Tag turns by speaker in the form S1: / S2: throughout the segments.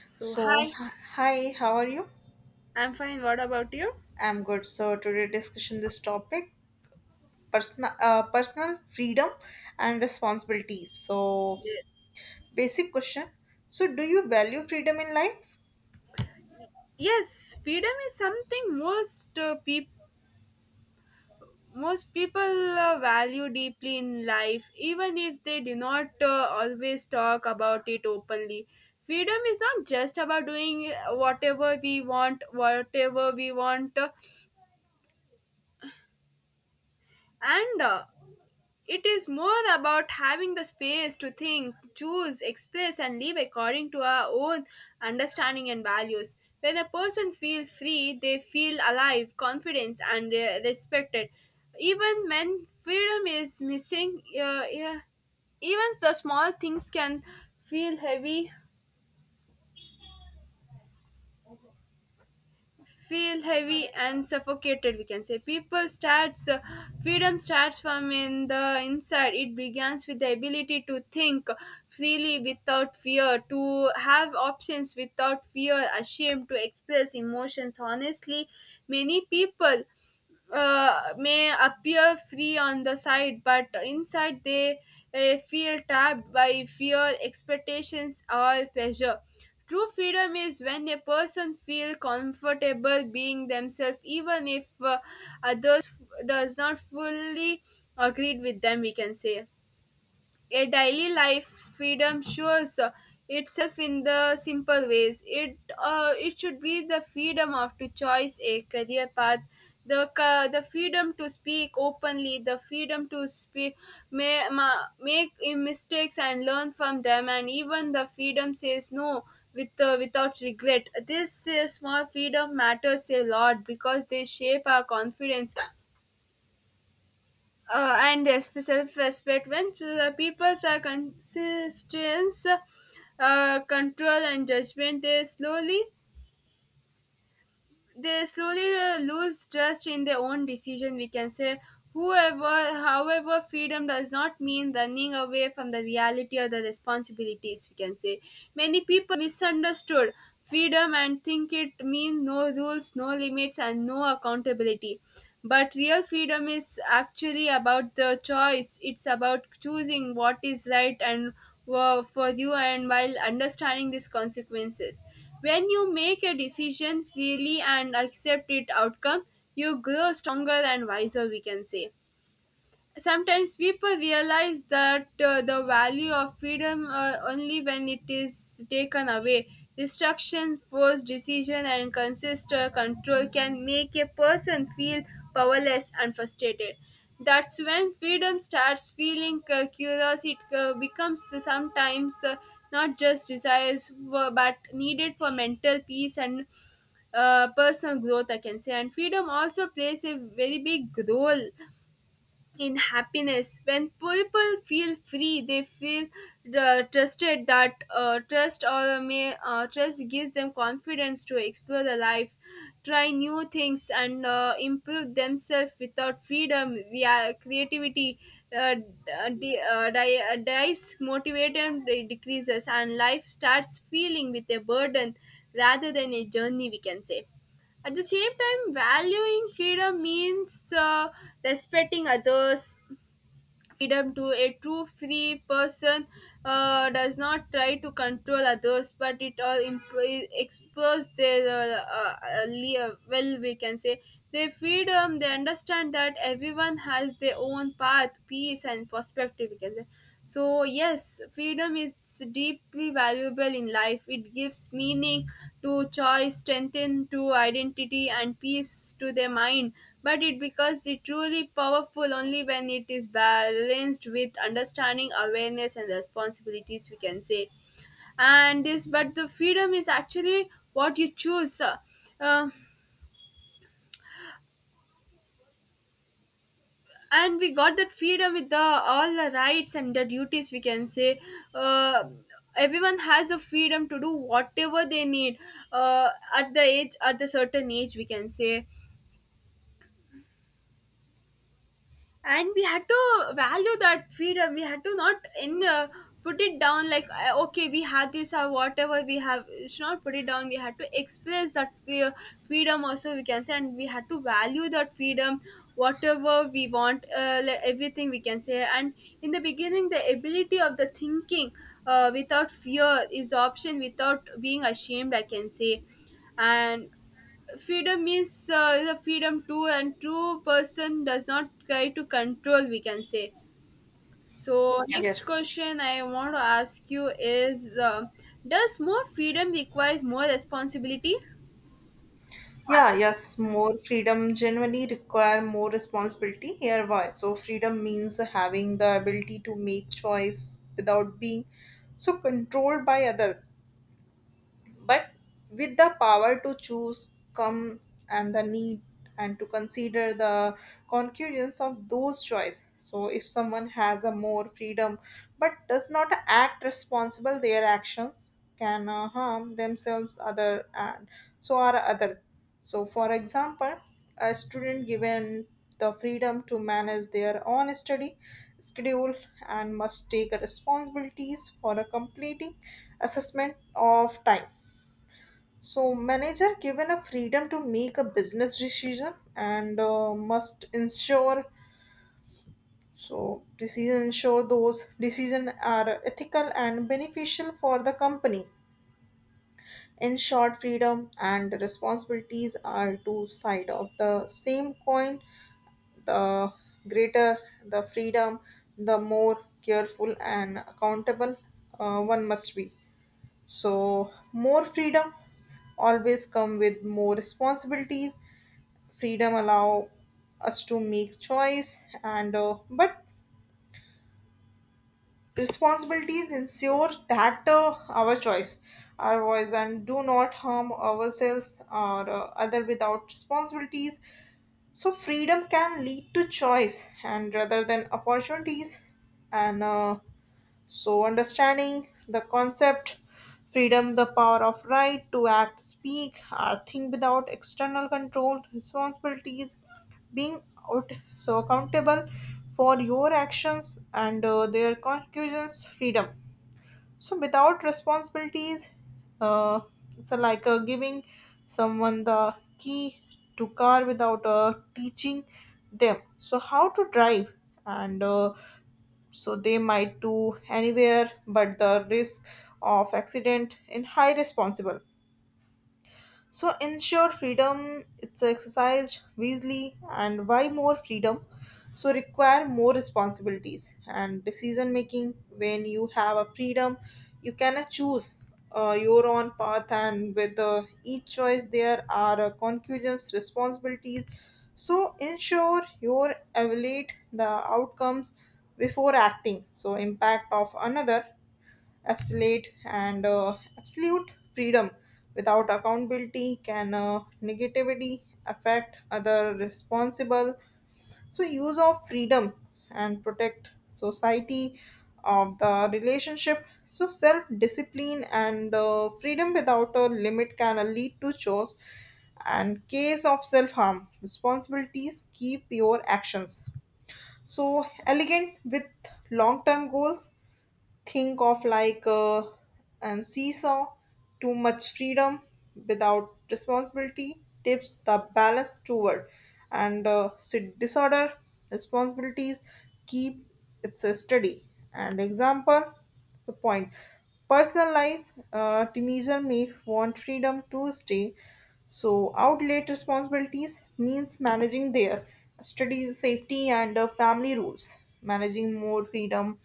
S1: So,
S2: So,
S1: hi,
S2: hi, how are you?
S1: I'm fine. What about you?
S2: I'm good. So, today discussion this topic personal personal freedom and responsibilities. So,
S1: Yes.
S2: basic question. So, do you value freedom in life?
S1: Yes, freedom is something most peop most people value deeply in life, even if they do not always talk about it openly. Freedom is not just about doing whatever we want, and It is more about having the space to think, choose, express, and live according to our own understanding and values. When a person feels free, they feel alive, confident, and respected. Even when freedom is missing, yeah, even the small things can feel heavy feel heavy and suffocated, we can say. People starts freedom starts from in the inside. It begins with the ability to think freely without fear, to have options without fear ashamed, to express emotions honestly. Many people may appear free on the side, but inside they feel trapped by fear, expectations, or pressure. True freedom is when a person feels comfortable being themselves, even if others does not fully agree with them. We can say a daily life freedom shows itself in the simple ways. It it should be the freedom of to choose a career path, the freedom to speak openly, the freedom to speak, may, ma, make mistakes and learn from them, and even the freedom says no without regret. This small freedom matters a lot because they shape our confidence and yes, self-respect. When the peoples are consistence control and judgment, they slowly lose trust in their own decision, we can say. Whoever, however, freedom does not mean running away from the reality or the responsibilities, we can say. Many people misunderstood freedom and think it means no rules, no limits, and no accountability, but real freedom is actually about the choice. It's about choosing what is right and were for you, and while understanding these consequences. When you make a decision freely and accept its outcome, you grow stronger and wiser, we can say. Sometimes people realize that the value of freedom only when it is taken away. Distraction, forced decision, and consistent control can make a person feel powerless and frustrated. That's when freedom starts feeling curious. It becomes sometimes not just desires for, but needed for mental peace and personal growth, I can say. And freedom also plays a very big role in happiness. When people feel free, they feel trusted. That trust or may trust gives them confidence to explore the life, try new things, and improve themselves. Without freedom, yeah, creativity dies, motivation decreases, and life starts feeling with a burden rather than a journey, we can say. At the same time, valuing freedom means respecting others. Freedom to a true free person does not try to control others, but it all expose their well. We can say their freedom. They understand that everyone has their own path, peace, and perspective. We can say. So, yes, freedom is deeply valuable in life. It gives meaning to choice, strength to identity, and peace to the mind. But it becomes the truly powerful only when it is balanced with understanding, awareness, and responsibilities, we can say. And this, but the freedom is actually what you choose. Uh, and we got that freedom with the all the rights and the duties, we can say. uh, Everyone has a freedom to do whatever they need uh, at the age, at the certain age, we can say, and we had to value that freedom. We had to not in put it down like okay, we had this or whatever we have, we should not put it down. We had to express that fear, freedom also, we can say, and we had to value that freedom, whatever we want, everything, we can say. And in the beginning, the ability of the thinking without fear is option, without being ashamed, I can say. And freedom is the freedom to, and true person does not try to control, we can say. So yeah, next
S2: Yes.
S1: question I want to ask you is does more freedom requires more responsibility?
S2: Yeah, yes, more freedom generally require more responsibility. Here why. So freedom means having the ability to make choice without being so controlled by other. But with the power to choose come and the need and to consider the concurrence of those choice. So if someone has a more freedom but does not act responsible their actions can harm themselves other and so are other. So for example a student given the freedom to manage their own study schedule and must take responsibilities for a completing assessment of time. So manager given a freedom to make a business decision and must ensure so decision ensure those decision are ethical and beneficial for the company. In short, freedom and responsibilities are two side of the same coin. The greater the freedom, the more careful and accountable one must be. So more freedom always come with more responsibilities. Freedom allow us to make choice and but responsibilities ensure that our choice our voice and do not harm ourselves or other without responsibilities. So freedom can lead to choice and rather than opportunities and so, understanding the concept, freedom, the power of right to act, speak, or think without external control, responsibilities, being out, so accountable for your actions and their conclusions, freedom so without responsibilities uh, it's a, like giving someone the key to car without teaching them so how to drive and so they might do anywhere but the risk of accident in high responsible. So ensure freedom it's exercised wisely and why more freedom? So require more responsibilities and decision making. When you have a freedom you cannot choose your own path and with each choice there are concurrent responsibilities so ensure you evaluate the outcomes before acting. So impact of another absolute and absolute freedom without accountability can negatively affect other responsible. So use of freedom and protect society of the relationship. So self discipline and freedom without a limit can lead to chores and case of self harm. Responsibilities keep your actions so elegant with long term goals. Think of like and seesaw. Too much freedom without responsibility tips the balance toward disorder. Responsibilities keep it's a study and example the point. Personal life, teenager may want freedom to stay so outlet. Responsibilities means managing their study safety and family rules managing more freedom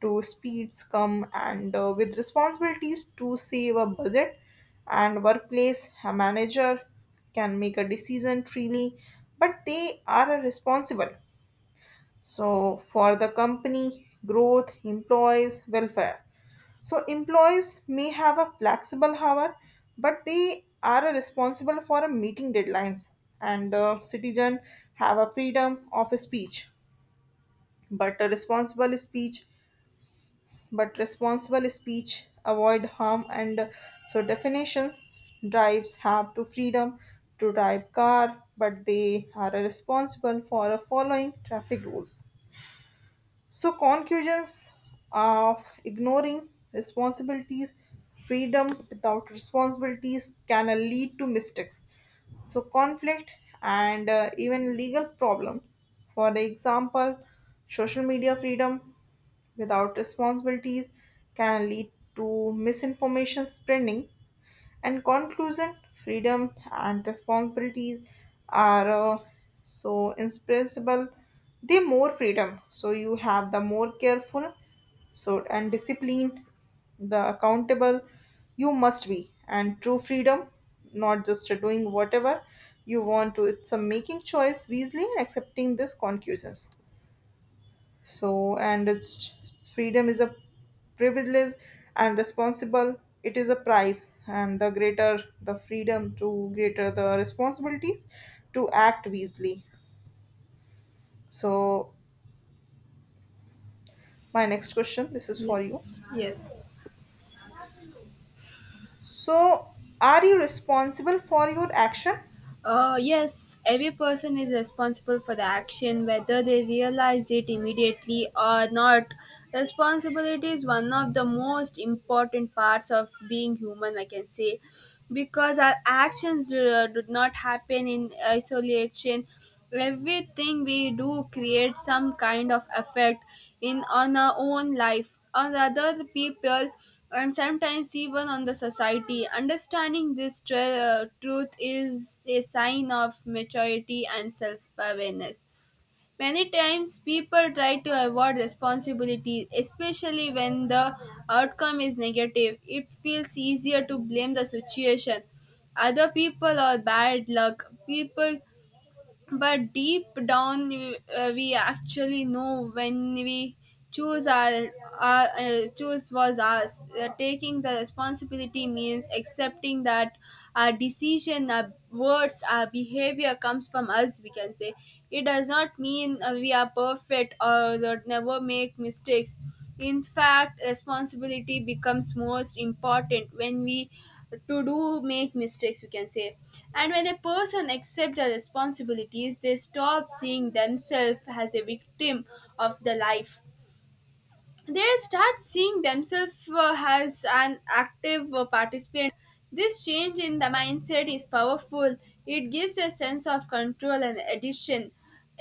S2: to speeds come and with responsibilities to save a budget. And workplace, a manager can make a decision freely but they are responsible so for the company growth employees welfare. So employees may have a flexible hour, but they are responsible for a meeting deadlines. And citizen have a freedom of speech, but a responsible speech, but responsible speech avoid harm and so definitions, drives have to freedom to drive car but they are responsible for following traffic rules. So, conclusions of ignoring responsibilities, freedom without responsibilities can lead to mistakes. So, conflict and even legal problem. For the example, social media freedom without responsibilities can lead to misinformation spreading. And conclusion, freedom and responsibilities are so inexpressible. The more freedom, so you have the more careful, so and disciplined, the accountable you must be. And true freedom, not just doing whatever you want to, it's a making choice wisely and accepting these conclusions, so and it's freedom is a privilege and responsible it is a price and the greater the freedom to greater the responsibilities to act wisely. So my next question this is for you,
S1: Yes. Yes.
S2: so are you responsible for your action?
S1: Yes, every person is responsible for the action, whether they realize it immediately or not. Responsibility is one of the most important parts of being human, I can say, because our actions do not happen in isolation. Everything we do creates some kind of effect in on our own life, on other people, and sometimes even on the society. Understanding this truth is a sign of maturity and self awareness. Many times people try to avoid responsibility, especially when the outcome is negative. It feels easier to blame the situation, other people, or bad luck. People, but deep down we actually know when we choose our, our choose was us. Taking the responsibility means accepting that our decision, our words, our behavior comes from us, we can say. It does not mean we are perfect or that never make mistakes. In fact, responsibility becomes most important when we to do make mistakes, we can say. And when a person accepts their responsibilities, they stop seeing themselves as a victim of the life. They start seeing themselves as an active participant. This change in the mindset is powerful. It gives a sense of control and addition.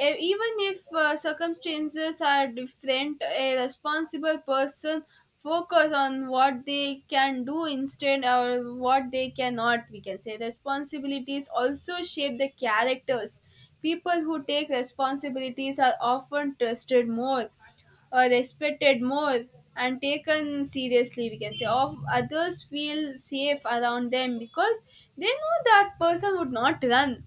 S1: Even if circumstances are different, a responsible person focus on what they can do instead or what they cannot. We can say responsibilities also shape the characters. People who take responsibilities are often trusted more, respected more, and taken seriously, we can say. Of others feel safe around them because they know that person would not run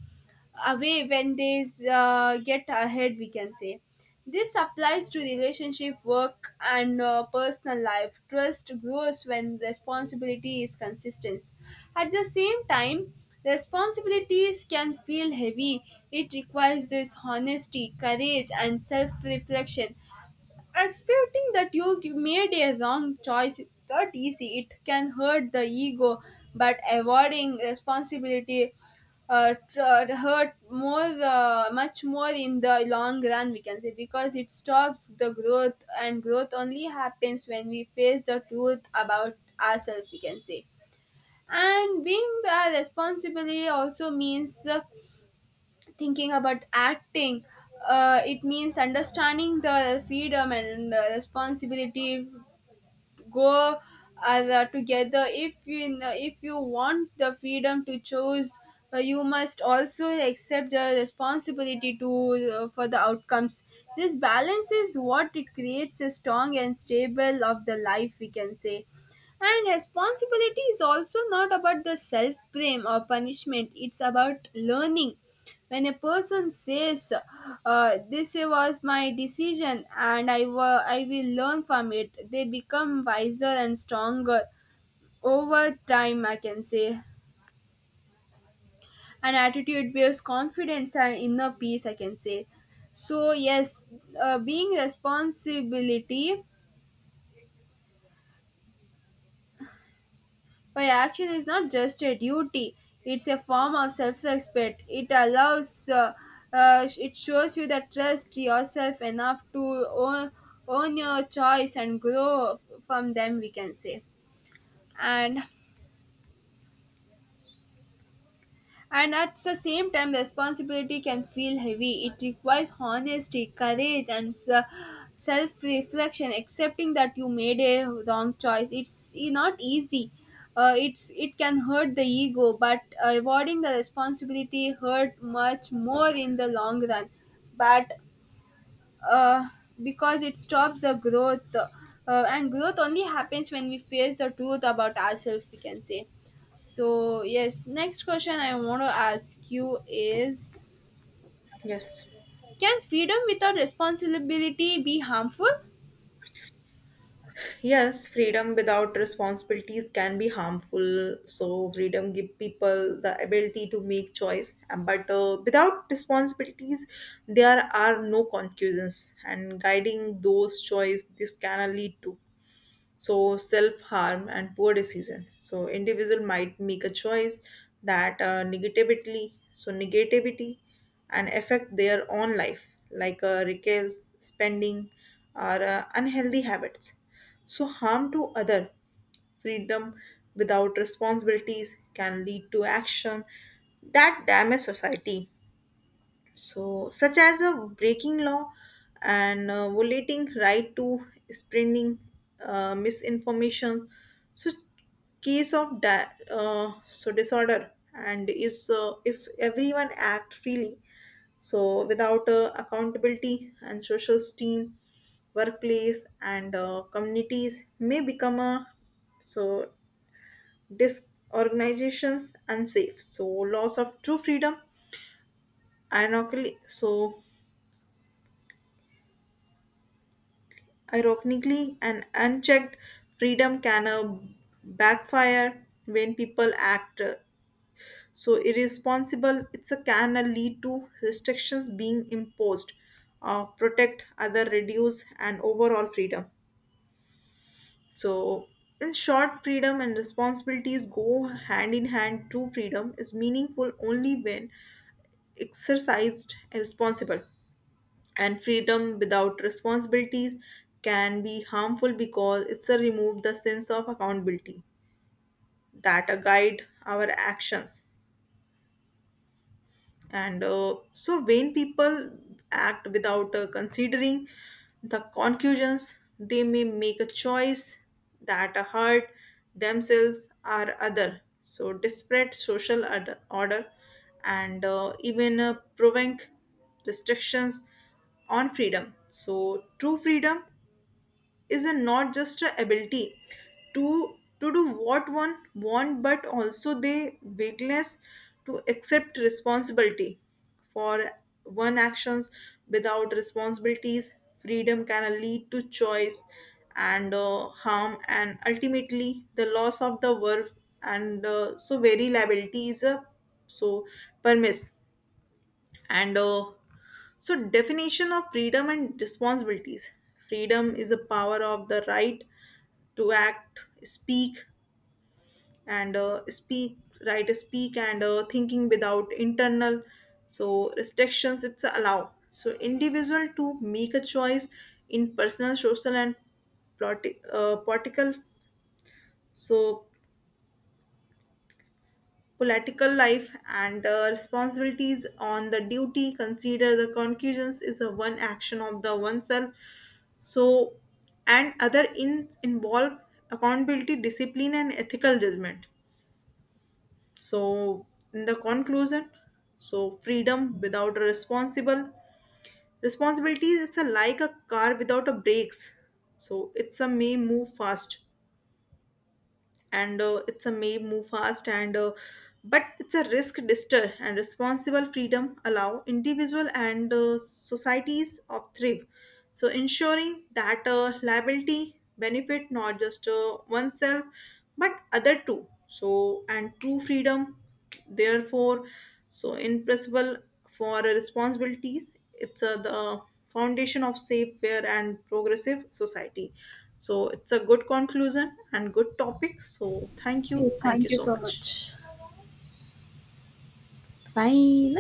S1: away when they get ahead, we can say. This applies to relationship, work, and personal life. Trust grows when responsibility is consistent. At the same time, responsibilities can feel heavy. It requires this honesty, courage, and self-reflection. Expecting that you made a wrong choice is not easy. It can hurt the ego, but avoiding responsibility hurt more, much more in the long run. We can say, because it stops the growth, and growth only happens when we face the truth about ourselves. We can say, and being the responsibility also means thinking about acting. It means understanding the freedom and the responsibility go as together. If you want the freedom to choose, you must also accept the responsibility to for the outcomes. This balance is what it creates a strong and stable of the life, we can say. And responsibility is also not about the self blame or punishment. It's about learning. When a person says this was my decision and I will learn from it, they become wiser and stronger over time, I can say. An attitude builds confidence and inner peace, I can say. So yes, being responsibility by action is not just a duty, it's a form of self respect. It allows, it shows you that trust yourself enough to own, own your choice and grow from them, we can say. And And at the same time, responsibility can feel heavy. It requires honesty, courage, and self reflection, accepting that you made a wrong choice. Not easy. It can hurt the ego, but avoiding the responsibility hurt much more in the long run. But uh, because it stops the growth, and growth only happens when we face the truth about ourselves, we can say. So yes, next question I want to ask you is
S2: Yes.
S1: can freedom without responsibility be harmful?
S2: Yes, freedom without responsibilities can be harmful. So freedom give people the ability to make choice, and- but without responsibilities, there are no conclusions and guiding those choice. This can lead to so self harm and poor decision. So individual might make a choice that negatively so negativity and affect their own life like reckless spending or unhealthy habits. So harm to other, freedom without responsibilities can lead to action that damage society, so such as a breaking law and violating right to spreading misinformation. So case of so disorder and is if everyone act freely so without accountability and social steam workplace and communities may become a so disorganizations unsafe. So loss of true freedom ironically so ironically, an unchecked freedom can backfire when people act so irresponsible. It's a can lead to restrictions being imposed, protect other, reduce, and overall freedom. So, in short, freedom and responsibilities go hand in hand. True freedom is meaningful only when exercised and responsible. And freedom without responsibilities can be harmful because it's a remove the sense of accountability that a guide our actions and so when people act without considering the conclusions they may make a choice that hurt themselves or other. So disparate social order order and even prevent restrictions on freedom. So true freedom is a not just a ability to do what one want but also the willingness to accept responsibility for one actions. Without responsibilities freedom can lead to choice and harm and ultimately the loss of the work and so very liability is a so permiss and so definition of freedom and responsibilities, freedom is a power of the right to act, speak, and speak, and thinking without internal so restrictions. It's allow so individual to make a choice in personal, social, and political so political life and responsibilities on the duty consider the conclusions is a one action of the oneself so and other in involve accountability discipline and ethical judgment. So in the conclusion so freedom without a responsible responsibility is a, like a car without a brakes. So it's a may move fast and it's a may move fast and but it's a risk dister and responsible freedom allow individual and societies of thrive so ensuring that liability benefit not just oneself but other too. So and true freedom therefore so impressible for responsibilities, it's a, the foundation of safe fair and progressive society. So it's a good conclusion and good topic, so thank you,
S1: Yes,
S2: thank
S1: thank
S2: you
S1: you
S2: so
S1: so
S2: much.
S1: much. Bye.